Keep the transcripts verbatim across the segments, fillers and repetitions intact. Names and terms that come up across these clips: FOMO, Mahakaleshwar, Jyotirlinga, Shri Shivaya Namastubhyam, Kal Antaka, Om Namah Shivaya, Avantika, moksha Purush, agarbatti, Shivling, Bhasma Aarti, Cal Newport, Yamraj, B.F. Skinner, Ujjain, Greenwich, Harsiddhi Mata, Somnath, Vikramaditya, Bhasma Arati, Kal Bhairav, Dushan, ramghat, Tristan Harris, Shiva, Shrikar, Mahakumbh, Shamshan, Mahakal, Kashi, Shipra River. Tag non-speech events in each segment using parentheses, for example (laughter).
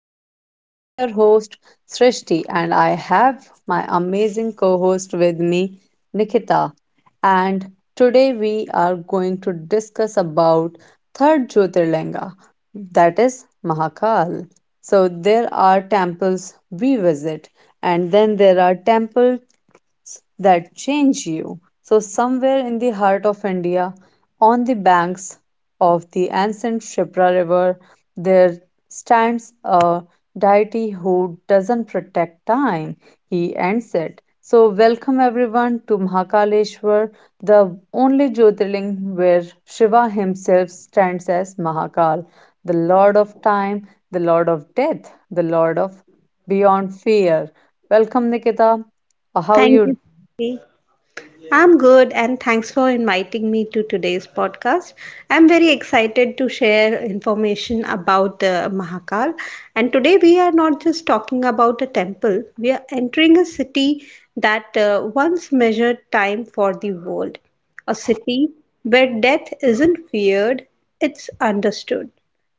podcast. I'm your host, Srishti, and I have my amazing co host with me, Nikita. And today we are going to discuss about third Jyotirlinga, that is Mahakal. So there are temples we visit, and then there are temples that change you. So, somewhere in the heart of India, on the banks of the ancient Shipra River, there stands a deity who doesn't protect time. He ends it. So, welcome everyone to Mahakaleshwar, the only Jyotirling where Shiva himself stands as Mahakal, the Lord of Time, the Lord of Death, the Lord of Beyond Fear. Welcome, Nikita. How are Thank you? you, Sri. I'm good and thanks for inviting me to today's podcast. I'm very excited to share information about the Mahakal. And today we are not just talking about a temple, we are entering a city that uh, once measured time for the world, a city where death isn't feared, it's understood,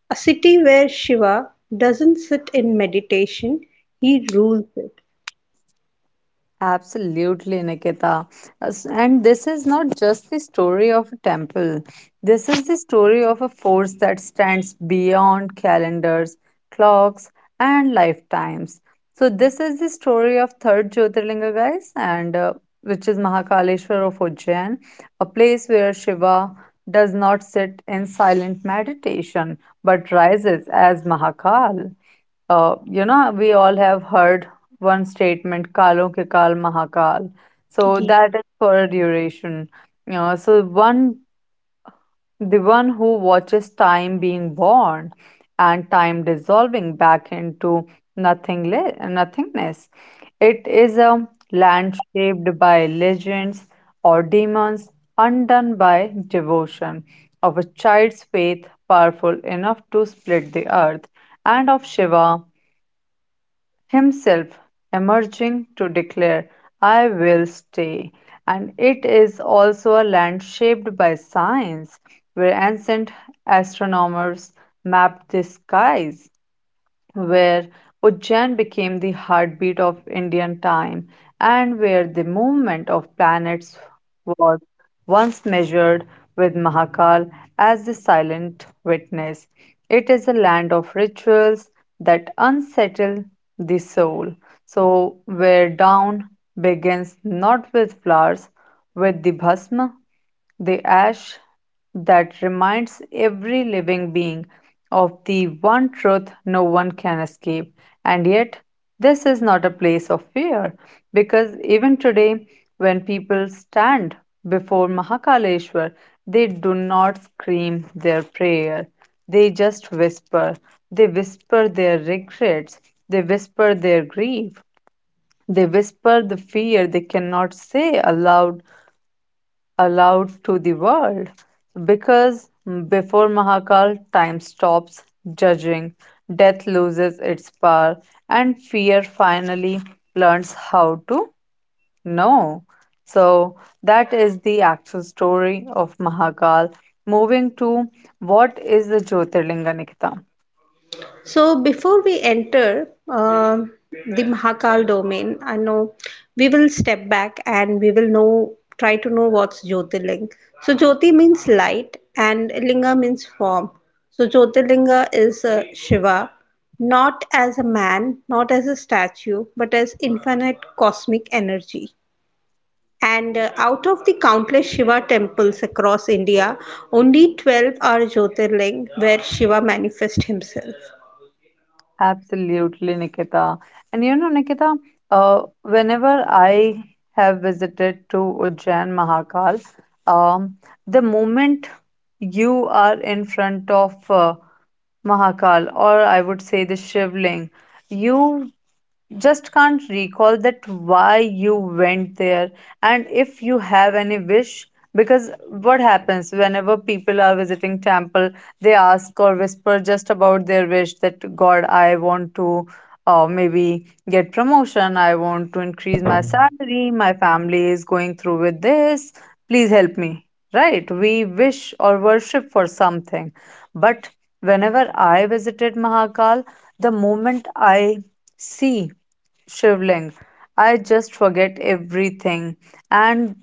a city where Shiva doesn't sit in meditation, he rules Absolutely, Nikita. As- And this is not just the story of a temple. This is the story of a force that stands beyond calendars, clocks, and lifetimes. So, this is the story of third Jyotirlinga, guys, and uh, which is Mahakaleshwar of Ujjain, a place where Shiva does not sit in silent meditation but rises as Mahakal. Uh, you know, we all have heard one statement, Kalon ke Kal Mahakal. So it. that is for a duration. Yeah, so one the one who watches time being born and time dissolving back into nothingle- nothingness. It is a land shaped by legends or demons, undone by devotion, of a child's faith powerful enough to split the earth, and of Shiva himself emerging to declare, I will stay. And it is also a land shaped by science, where ancient astronomers mapped the skies, where Ujjain became the heartbeat of Indian time, and where the movement of planets was once measured with Mahakal as the silent witness. It is a land of rituals that unsettle the soul. So, where dawn begins not with flowers, with the bhasma, the ash that reminds every living being of the one truth no one can escape. And yet, this is not a place of fear because even today, when people stand before Mahakaleshwar, they do not scream their prayer. They just whisper. They whisper their regrets. They whisper their grief. They whisper the fear they cannot say aloud aloud to the world, because before Mahakal, time stops judging, death loses its power, and fear finally learns how to know. So, that is the actual story of Mahakal. Moving to what is the Jyotirlinga, Nikita? So before we enter um the Mahakal domain, I know we will step back and we will know try to know what's Jyotirling. So Jyoti means light and Linga means form. So Jyotirlinga is uh, Shiva, not as a man, not as a statue, but as infinite cosmic energy. And uh, out of the countless Shiva temples across India, only twelve are Jyotirling where Shiva manifests himself. Absolutely, Nikita. And you know, Nikita, uh, whenever I have visited to Ujjain Mahakal, um, the moment you are in front of uh, Mahakal, or I would say the Shivling, you just can't recall that why you went there and if you have any wish, because what happens whenever people are visiting temple, they ask or whisper just about their wish that God, I want to uh, maybe get promotion, I want to increase my salary, my family is going through with this, please help me. Right? We wish or worship for something. But whenever I visited Mahakal, the moment I see Shivling, I just forget everything. And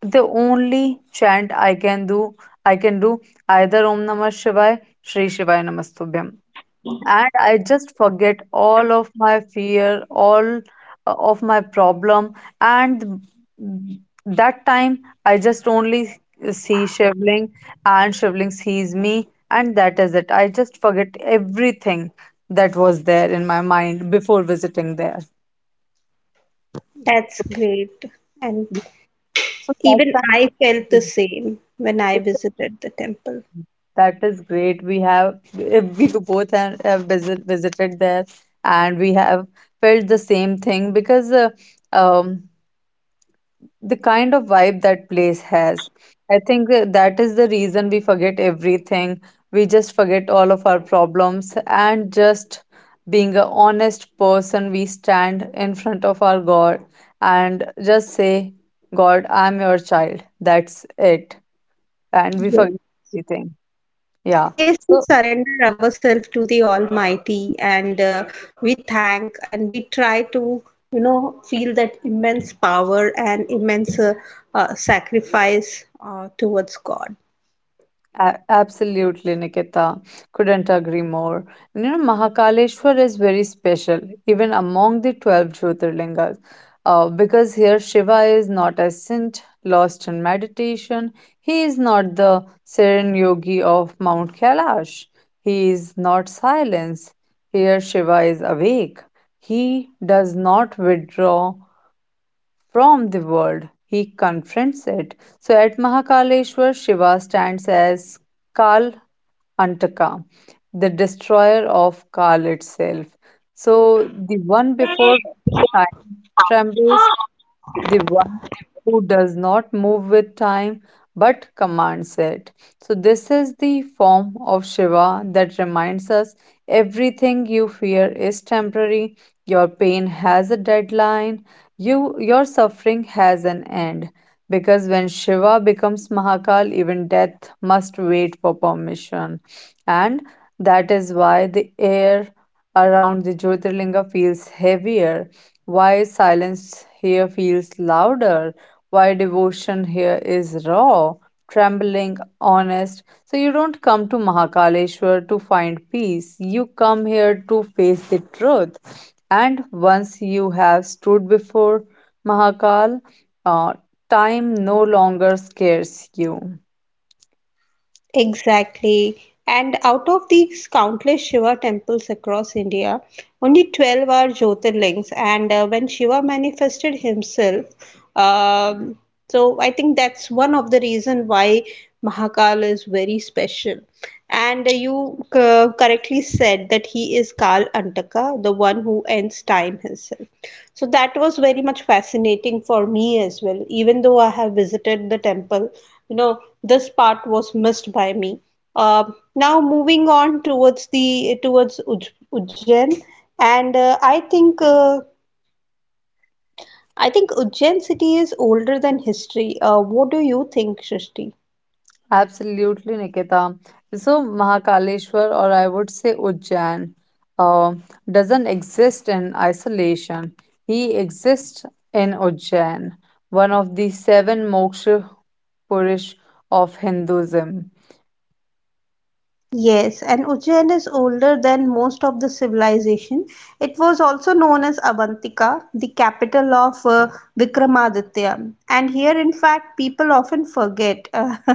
the only chant I can do I can do either Om Namah Shivaya, Shri Shivaya Namastubhyam. And I just forget all of my fear, all uh, of my problem. And that time, I just only see Shivling and Shivling sees me. And that is it. I just forget everything that was there in my mind before visiting there. That's great. And So that even I felt the kind same when I of visited the temple. That is great. We have (laughs) we both have, have visit, visited there, and we have felt the same thing because uh, um, the kind of vibe that place has. I think that that is the reason we forget everything. We just forget all of our problems and just being a honest person. We stand in front of our God and just say, "God, I'm your child." That's it, and we Ye- forget everything. Yeah. Yes, we So surrender ourselves to the Almighty and uh, we thank and we try to, you know, feel that immense power and immense uh, uh, sacrifice uh, towards God. A- absolutely, Nikita. Couldn't agree more. You know, Mahakaleshwar is very special, even among the twelve Jyotirlingas, uh, because here Shiva is not a saint lost in meditation. He is not the serene yogi of Mount Kailash. He is not silence. Here Shiva is awake. He does not withdraw from the world. He confronts it. So at Mahakaleshwar, Shiva stands as Kal Antaka, the destroyer of Kal itself. So the one before time trembles, the one who does not move with time but commands it. So, this is the form of Shiva that reminds us everything you fear is temporary, your pain has a deadline, you, your suffering has an end. Because when Shiva becomes Mahakal, even death must wait for permission. And that is why the air around the Jyotirlinga feels heavier, why silence here feels louder? Why devotion here is raw, trembling, honest? So you don't come to Mahakaleshwar to find peace. You come here to face the truth. And once you have stood before Mahakal, uh, time no longer scares you. Exactly. And out of these countless Shiva temples across India, only twelve are Jyotirlings. And uh, when Shiva manifested himself, um, so I think that's one of the reason why Mahakal is very special. And uh, you c- correctly said that he is Kal Antaka, the one who ends time himself. So that was very much fascinating for me as well. Even though I have visited the temple, you know, this part was missed by me. Uh, now moving on towards the towards Uj- Ujjain, and uh, I think uh, I think Ujjain city is older than history. Uh, what do you think, Shrishti? Absolutely, Nikita. So, Mahakaleshwar, or I would say Ujjain, uh, doesn't exist in isolation. He exists in Ujjain, one of the seven moksha Purush of Hinduism. Yes, and Ujjain is older than most of the civilization. It was also known as Avantika, the capital of uh, Vikramaditya. And here, in fact, people often forget uh, (laughs)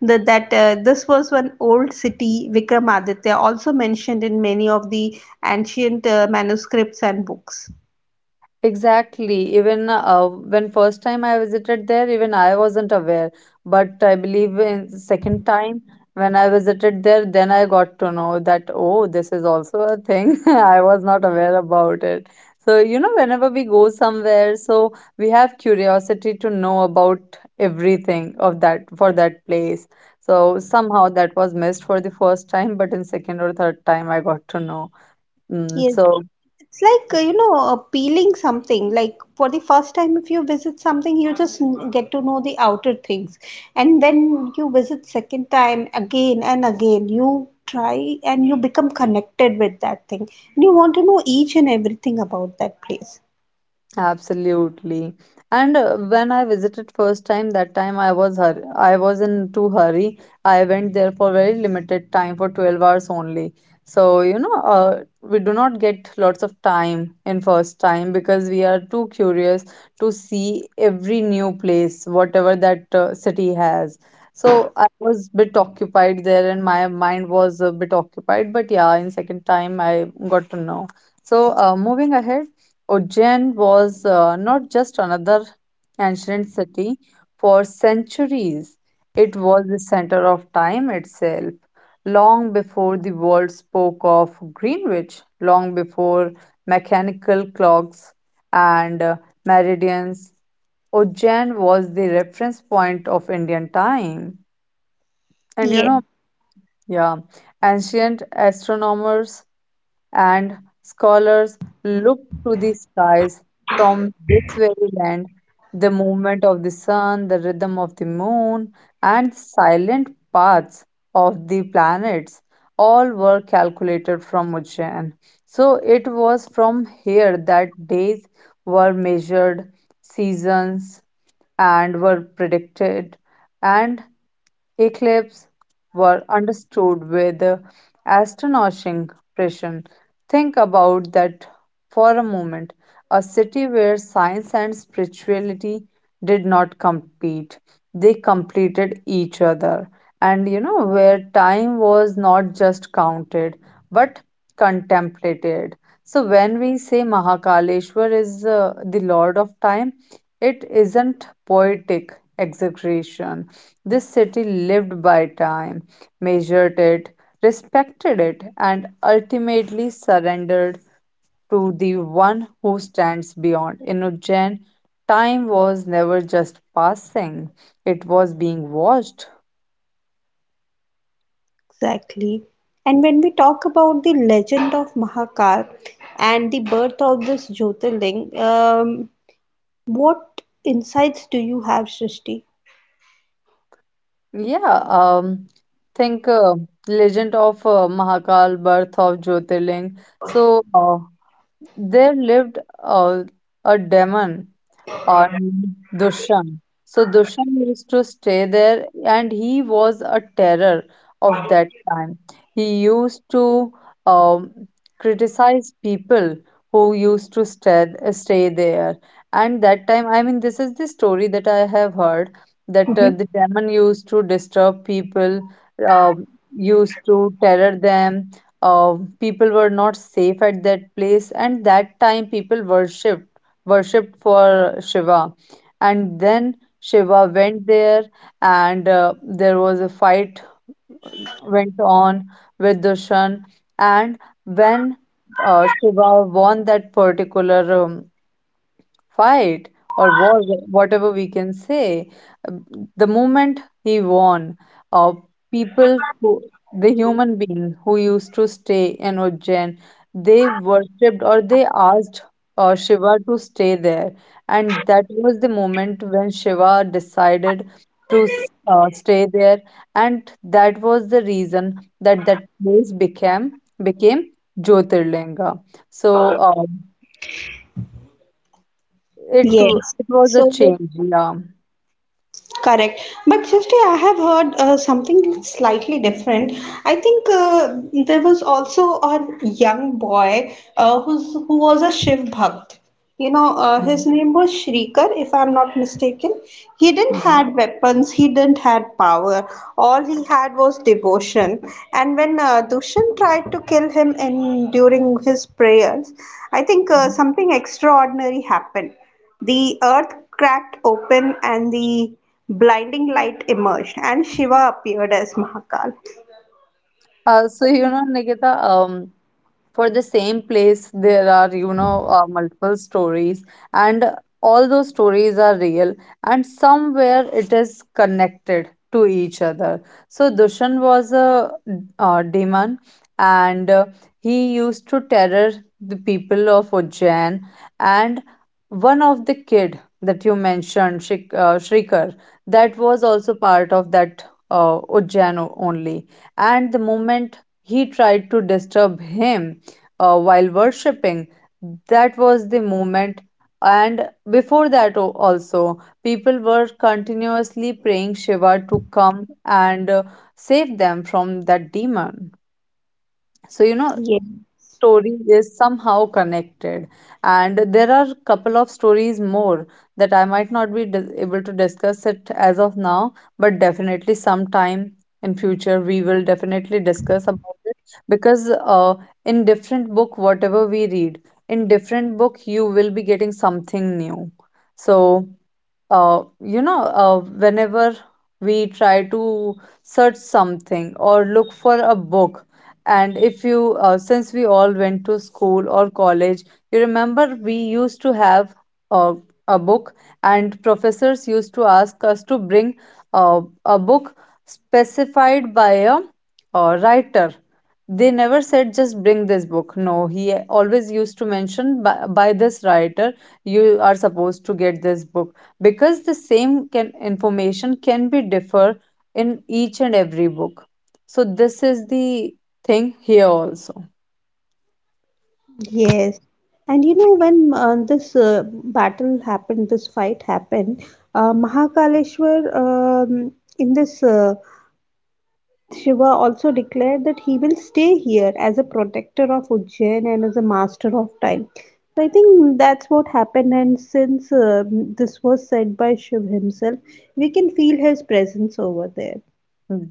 that, that uh, this was one old city, Vikramaditya, also mentioned in many of the ancient uh, manuscripts and books. Exactly. Even uh, when first time I visited there, even I wasn't aware. But I believe in second time when I visited there, then I got to know that oh, this is also a thing. (laughs) I was not aware about it. So you know, whenever we go somewhere, so we have curiosity to know about everything of that for that place. So somehow that was missed for the first time, but in second or third time I got to know. Mm, Yes. so It's like, uh, you know, uh, peeling something. Like for the first time, if you visit something, you just n- get to know the outer things. And when you visit second time, again and again, you try and you become connected with that thing. And you want to know each and everything about that place. absolutely. And uh, when I visited first time, that time I was hur- I was in too hurry. I went there for very limited time for twelve hours only. So, you know, uh, we do not get lots of time in first time because we are too curious to see every new place, whatever that uh, city has. So I was bit occupied there and my mind was a bit occupied. But yeah, in second time I got to know. So uh, moving ahead, Ujjain was uh, not just another ancient city. For centuries, it was the center of time itself. Long before the world spoke of Greenwich, long before mechanical clocks and uh, meridians, Ujjain was the reference point of Indian time. And you Yeah, know, yeah, ancient astronomers and scholars look to the skies from this very land. The movement of the sun, the rhythm of the moon, and silent paths of the planets all were calculated from Ujjain. So it was from here that days were measured, seasons and were predicted, and Eclipses were understood with astonishing precision. Think about that for a moment. A city where science and spirituality did not compete, they completed each other. And you know, where time was not just counted but contemplated. So when we say Mahakaleshwar is uh, the Lord of Time, it isn't poetic exaggeration. This city lived by time, measured it, respected it, and ultimately surrendered to the one who stands beyond. In Ujjain, time was never just passing, it was being watched. exactly. And when we talk about the legend of Mahakal and the birth of this Jyotirling, um, what insights do you have, Srishti? Yeah, um, think uh, legend of uh, Mahakal, birth of Jyotirling. So uh, there lived uh, a demon on Dushan. So Dushan used to stay there, and he was a terror of that time. He used to um, criticize people who used to stay stay there. And that time, I mean, this is the story that I have heard that uh, Hmm. the demon used to disturb people, um, used to terror them. Uh, People were not safe at that place, and that time people worshipped worshipped for Shiva. And then Shiva went there, and uh, there was a fight went on with Dushan. And when uh, Shiva won that particular um, fight or war, whatever we can say. Um, The moment he won, uh, people, who, the human beings who used to stay in Ujjain, they worshipped or they asked uh, Shiva to stay there. And that was the moment when Shiva decided to s- uh, stay there. And that was the reason that that place became became Jyotirlinga. So, uh, it w Yes. it was a So, change, yeah. correct. But Srishti, I have heard uh, something slightly different. I think uh, There was also a young boy uh, who's, who was a Shiv Bhakt. You know, uh, Mhm, his name was Shrikar, if I'm not mistaken. He didn't mhm, had weapons, he didn't had power. All he had was devotion. And when uh, Dushan tried to kill him in during his prayers, I think uh, mhm. something extraordinary happened. The earth cracked open and the blinding light emerged, and Shiva appeared as Mahakal. Uh, so you know, Nikita, um, for the same place there are you know uh, multiple stories and all those stories are real and somewhere it is connected to each other. So dushan was a uh, demon and uh, he used to terror the people of ujjain, and one of the kid that you mentioned Shik- uh, shrikar, that was also part of that uh, ujjain o- only, and the moment he tried to disturb him uh, while worshipping. That was the moment. And before that, o- also, people were continuously praying Shiva to come and uh, save them from that demon. So, you know, Yes, story is somehow connected, and there are couple of stories more that I might not be dis- able to discuss it as of now, but definitely sometime in future we will definitely discuss about it. Because uh, in different book whatever we read, in different book you will be getting something new. So uh, you know, uh, whenever we try to search something or look for a book, and if you, uh, since we all went to school or college, you remember we used to have uh, a book, and professors used to ask us to bring uh, a book specified by a uh, writer. They never said just bring this book. No, he always used to mention by, by this writer, you are supposed to get this book because the same can, information can be differ in each and every book. So this is the thing here also. yes. And you know, when uh, this uh, battle happened, this fight happened, uh, Mahakaleshwar um, in this uh, Shiva also declared that he will stay here as a protector of Ujjain and as a master of time. So I think that's what happened, and since uh, this was said by Shiv himself, we can feel his presence over there.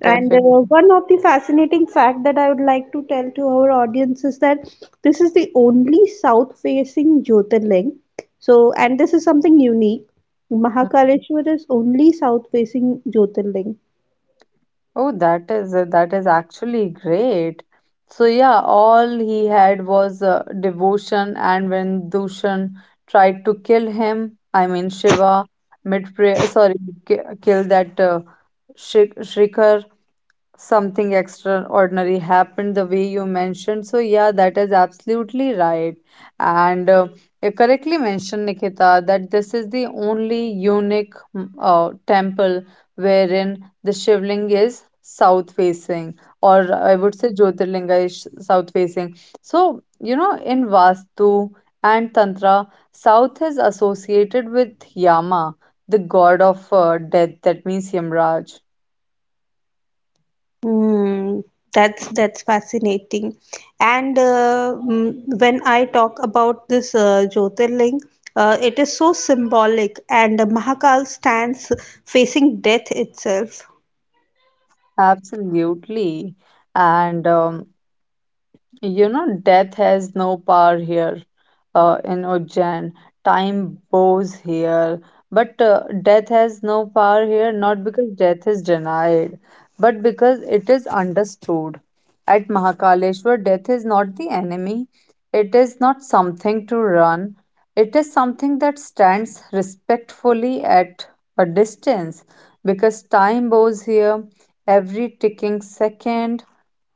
And uh, one of the fascinating fact that I would like to tell to our audience is that this is the only south-facing Jyotirling. So, and this is something unique. Mahakaleshwar is only south-facing Jyotirling. Oh, that is that is actually great. So yeah, all he had was uh, devotion, and when Dushan tried to kill him, I mean Shiva, mid sorry, ki- kill that uh, Shri- Shrikar, something extraordinary happened the way you mentioned. So yeah, that is absolutely right. And uh, you correctly mentioned, Nikita, that this is the only unique mm, uh, temple wherein the shivling is south facing, or I would say jyotirlinga is south facing. So you know, in vastu and tantra, south is associated with Yama, the god of uh, death, that means Yamraj. Hmm, that's that's fascinating. And uh, mm, when I talk about this uh, Jyotirling, uh, it is so symbolic, and Mahakal stands facing death itself. Absolutely. And um, you know, death has no power here uh, in Ujjain. Time bows here. But uh, death has no power here, not because death is denied, but because it is understood. At Mahakaleshwar, death is not the enemy, it is not something to run, it is something that stands respectfully at a distance, because time bows here. Every ticking second,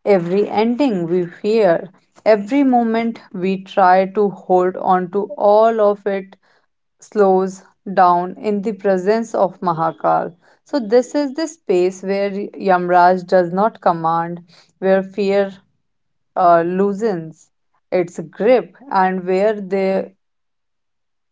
every ending we fear, every moment we try to hold on to, all of it slows down in the presence of Mahakal. So, this is the space where Yamraj does not command, where fear uh, loosens its grip, and where the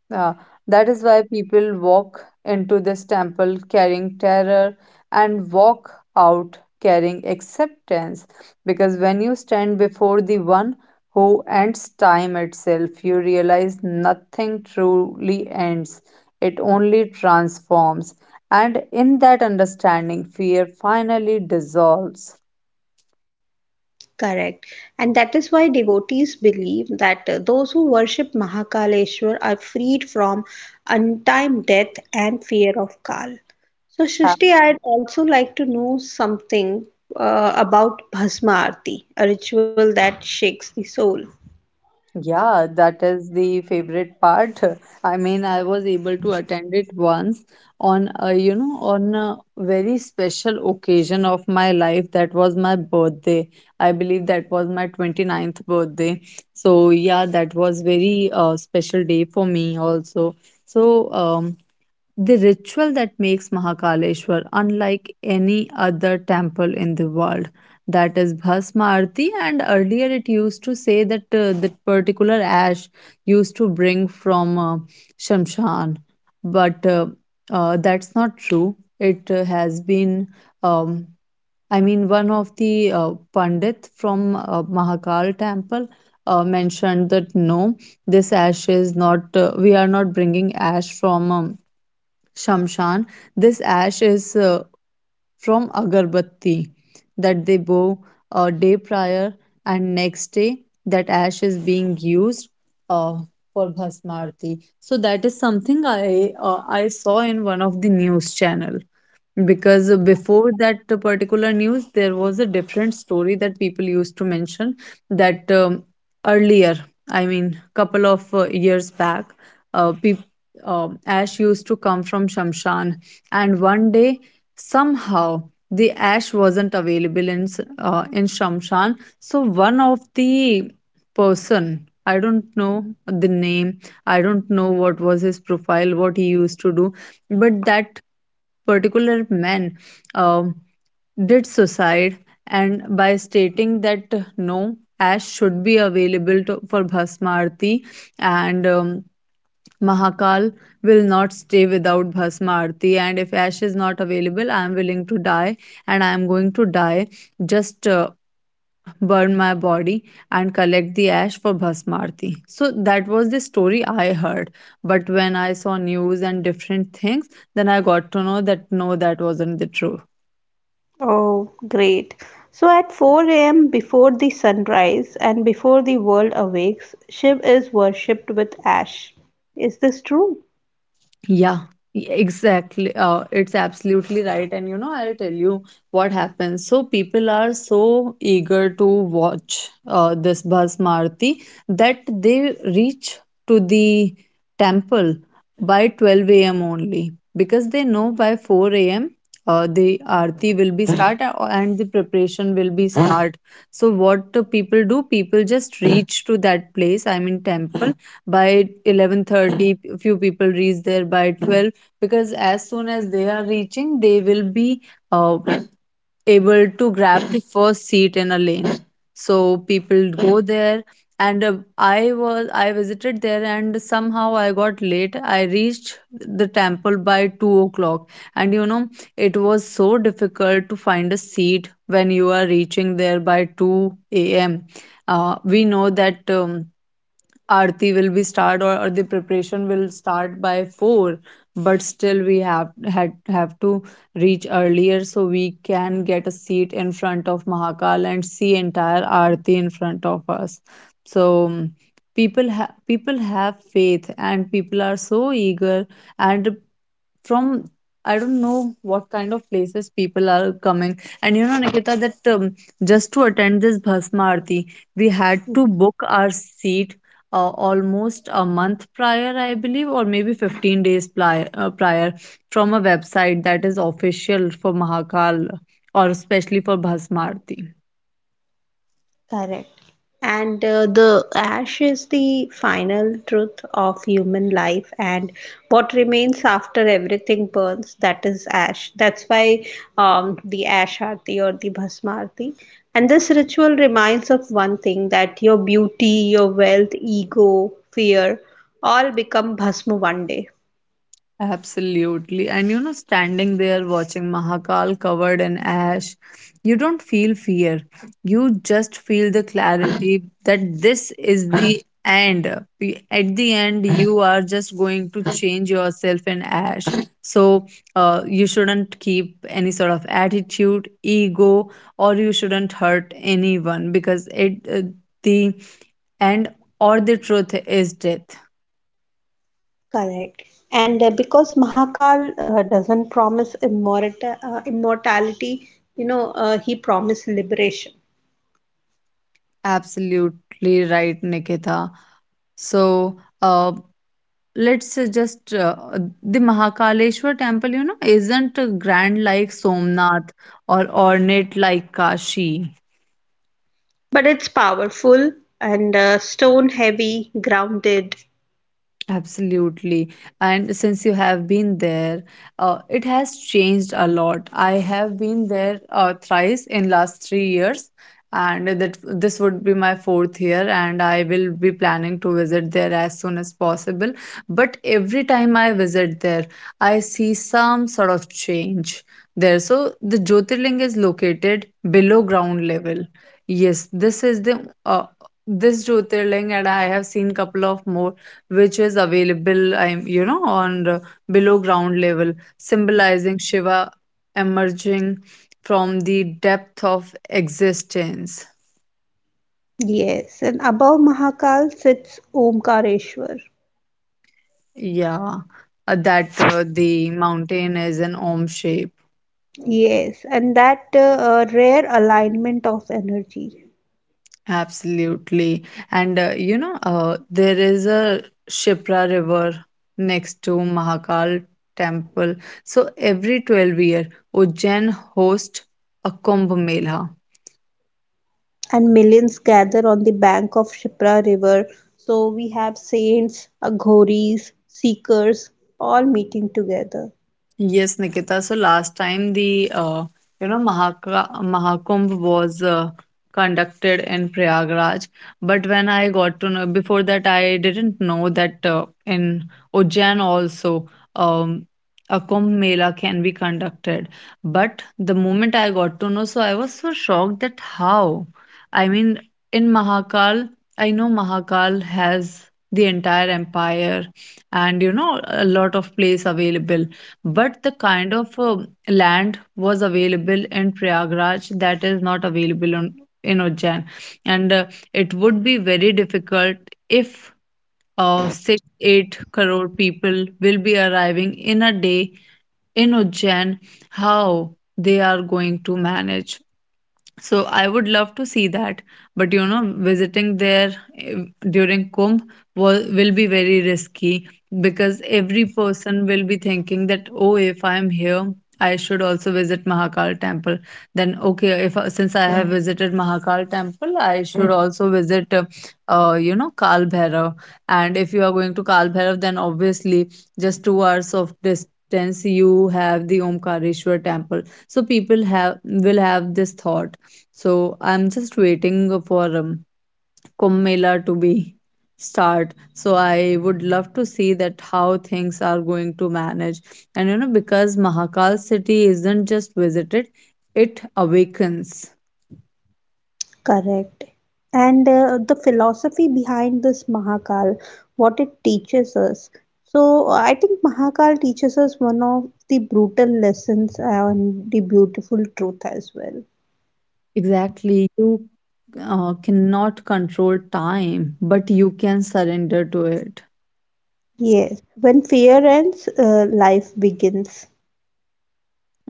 uh, that is why people walk into this temple carrying terror and walk out carrying acceptance. Because when you stand before the one who ends time itself, you realize nothing truly ends, it only transforms. And in that understanding, fear finally dissolves. Correct. And that is why devotees believe that uh, those who worship Mahakaleshwar are freed from untimely death and fear of Kal. So, Srishti, I'd also like to know something uh, about Bhasma Aarti, a ritual that shakes the soul. Yeah, that is the favorite part. (laughs) I mean, I was able to attend it once on a, you know, on a very special occasion of my life. That was my birthday. I believe that was my twenty ninth birthday. So yeah, that was very uh, special day for me also. So um the ritual that makes Mahakaleshwar unlike any other temple in the world. That is Bhasma Arati, and earlier it used to say that uh, that particular ash used to bring from uh, Shamshan, but uh, uh, that's not true. It uh, has been, um, I mean, one of the uh, Pandit from uh, Mahakal temple uh, mentioned that no, this ash is not, uh, we are not bringing ash from. Um, Shamshan. This ash is uh, from agarbatti that they bow a day prior, and next day that ash is being used uh, for bhasmarti. So that is something I uh, I saw in one of the news channel. Because before that particular news, there was a different story that people used to mention that um, earlier, I mean, couple of uh, years back, uh, peop um ash used to come from Shamshan, and one day somehow the ash wasn't available in s- uh, in Shamshan. So one of the person, I don't know the name, I don't know what was his profile, what he used to do, but that particular man um did suicide, and by stating that uh, no ash should be available to, for bhasma arati. And um, Mahakal will not stay without Bhasma Arati, and if ash is not available, I am willing to die and I am going to die, just uh, burn my body and collect the ash for bhasmarti. So that was the story I heard, but when I saw news and different things, then I got to know that no, that wasn't the truth. Oh, great. So at four a m, before the sunrise and before the world awakes, Shiv is worshipped with ash. Is this true? Yeah, e- exactly. Uh, it's absolutely right. And you know, I'll tell you what happens. So people are so eager to watch uh, this bus Marti that they reach to the temple by twelve a m only, because they know by four a m. Uh, the arti will be start (laughs) a- and the preparation will be start. So what do people do? People just reach to that place, I mean temple, by eleven thirty p- few people reach there by twelve, because as soon as they are reaching, they will be uh, able to grab the (laughs) first seat in a lane. So people go there, and uh, I was, I visited there and somehow I got late. I reached the temple by two o'clock, and you know, it was so difficult to find a seat when you are reaching there by two a.m. uh, we know that um, Aarti will be start, or, or the preparation will start by four, but still we have had have to reach earlier so we can get a seat in front of Mahakal and see entire Aarti in front of us. So um, people ha- people have faith and people are so eager, and from, I don't know what kind of places people are coming. And you know, Nikita, that um, just to attend this Bhasma Aarti, we had to book our seat uh, almost a month prior, I believe, or maybe fifteen days pli- uh, prior from a website that is official for Mahakal, or especially for Bhasmarti. Correct. And uh, the ash is the final truth of human life, and what remains after everything burns, that is ash. That's why um, the ash arti or the bhasma arti. And this ritual reminds of one thing that your beauty, your wealth, ego, fear all become bhasma one day. Absolutely. And you know, standing there watching Mahakal covered in ash, you don't feel fear. You just feel the clarity that this is the end. Be- At the end, you are just going to change yourself in ash. So, uh, you shouldn't keep any sort of attitude, ego, or you shouldn't hurt anyone, because it, uh, the end or the truth is death. Correct. And uh, because Mahakal uh, doesn't promise immorta- uh, immortality, you know, uh, he promised liberation. Absolutely right, Nikita. So uh, let's uh, just uh, the Mahakaleshwar temple, you know, isn't grand like Somnath or ornate like Kashi. But it's powerful and uh, stone heavy, grounded. Absolutely. And since you have been there, uh, it has changed a lot. I have been there uh, thrice in last three years, and that this would be my fourth year, and I will be planning to visit there as soon as possible. But every time I visit there, I see some sort of change there. So the Jyotirling is located below ground level. Yes, this is the uh, this Jyotirling, and I have seen couple of more which is available, I'm you know, on the below ground level, symbolizing Shiva emerging from the depth of existence. Yes, and above Mahakal sits Omkareshwar. Yeah, uh, that uh, the mountain is an Om shape. Yes, and that uh, uh, rare alignment of energy. Absolutely. And uh, you know, uh, there is a Shipra River next to Mahakal temple. So every twelve year, Ujjain hosts a Kumbh Mela. And millions gather on the bank of Shipra River. So we have saints, aghoris, seekers, all meeting together. Yes, Nikita. So last time the uh, you know, Mahaka, Mahakumbh was uh, conducted in Prayagraj, but when I got to know before that, I didn't know that uh, in Ujjain also um, a Kumbh Mela can be conducted. But the moment I got to know, so I was so shocked that how? I mean, in Mahakal, I know Mahakal has the entire empire, and you know, a lot of place available, but the kind of uh, land was available in Prayagraj, that is not available on, in Ujjain. And uh, it would be very difficult if uh, six eight crore people will be arriving in a day in Ujjain, how they are going to manage. So I would love to see that, but you know, visiting there eh, during Kumbh will, will be very risky, because every person will be thinking that, oh, if I'm here, I should also visit Mahakal temple. Then, okay, if I- since I have Mm, visited Mahakal temple, I should mm, also visit, uh, uh, you know, Kal Bhairav. And if you are going to Kal Bhairav, then obviously just two hours of distance you have the Omkareshwar temple. So people have will have this thought. So I'm just waiting for um, Kumbh Mela to be start. So I would love to see that how things are going to manage. And you know, because Mahakal city isn't just visited, it awakens. Correct. And uh, the philosophy behind this Mahakal, what it teaches us. So I think Mahakal teaches us one of the brutal lessons and the beautiful truth as well. Exactly. You uh, cannot control time, but you can surrender to it. Yes. When fear ends, uh, life begins.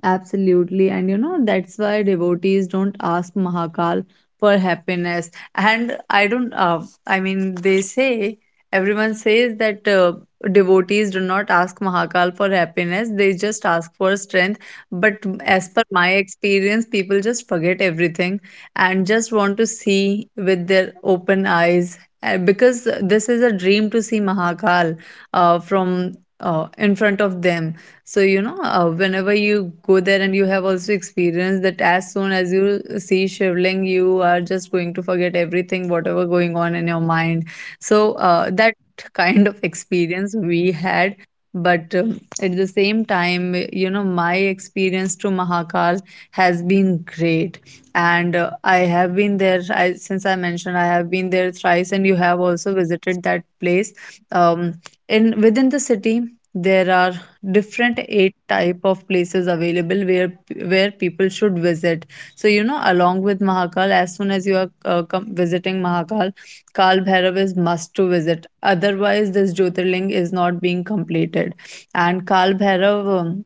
Absolutely. And you know, that's why devotees don't ask Mahakal for happiness. And I don't, uh, I mean, they say, everyone says that uh, devotees do not ask Mahakal for happiness, they just ask for strength. But as per my experience, people just forget everything and just want to see with their open eyes. Uh, Because this is a dream to see Mahakal uh, from uh, in front of them. So, you know, uh, whenever you go there, and you have also experienced that, as soon as you see shivling, you are just going to forget everything, whatever going on in your mind. So, uh, that (laughs) kind of experience we had. But um, at the same time, you know, my experience to Mahakal has been great. And uh, I have been there, I, since I mentioned, I have been there thrice, and you have also visited that place. Um, in within the city, there are different eight type of places available where where people should visit. So you know, along with Mahakal, as soon as you are uh, come visiting Mahakal, Kal Bhairav is must to visit, otherwise this jyotirling is not being completed. And Kal Bhairav um,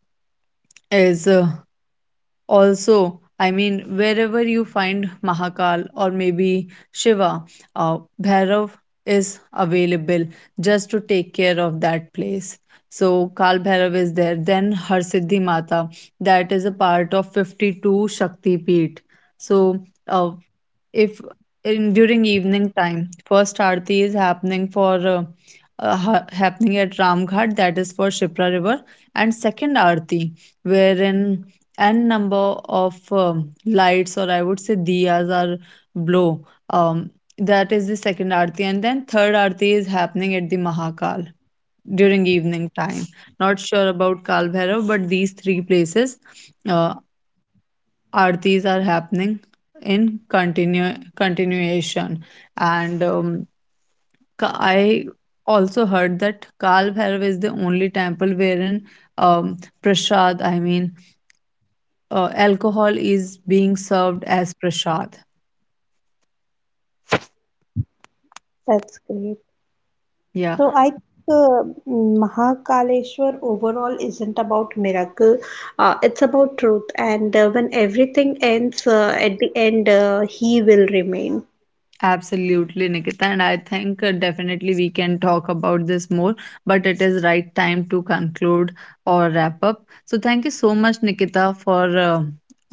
is uh, also, I mean, wherever you find Mahakal or maybe Shiva, uh, Bhairav is available just to take care of that place. So, Kal Bhairav is there. Then Harsiddhi Mata, that is a part of fifty two Shakti Peeth. So, uh, if in during evening time, first aarti is happening for uh, uh, ha- happening at Ramghat, that is for Shipra River, and second aarti wherein n number of um, lights, or I would say diyas, are blow, um, that is the second aarti, and then third aarti is happening at the Mahakal during evening time. Not sure about Kal Bhairav, but these three places uh, aartis are happening in continue continuation. And um, Ka- I also heard that Kal Bhairav is the only temple wherein um, prasad I mean uh, alcohol is being served as prasad. That's great. Yeah. So I think uh, Mahakaleshwar overall isn't about miracle. Uh, it's about truth. And uh, when everything ends, uh, at the end, uh, he will remain. Absolutely, Nikita. And I think uh, definitely we can talk about this more, but it is right time to conclude or wrap up. So, thank you so much, Nikita, for uh,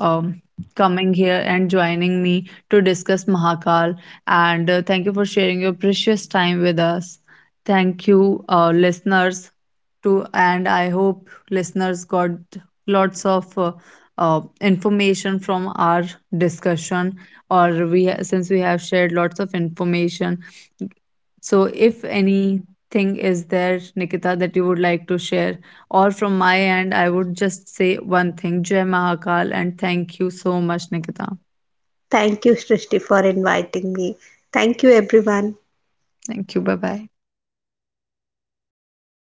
um, coming here and joining me to discuss Mahakal. And uh, thank you for sharing your precious time with us. Thank you, uh, listeners, too. And I hope listeners got lots of uh, uh, information from our discussion, or we ha- since we have shared lots of information. So if anything is there, Nikita, that you would like to share, or from my end, I would just say one thing, Jai Mahakal, and thank you so much, Nikita. Thank you, Srishti, for inviting me. Thank you, everyone. Thank you. Bye bye.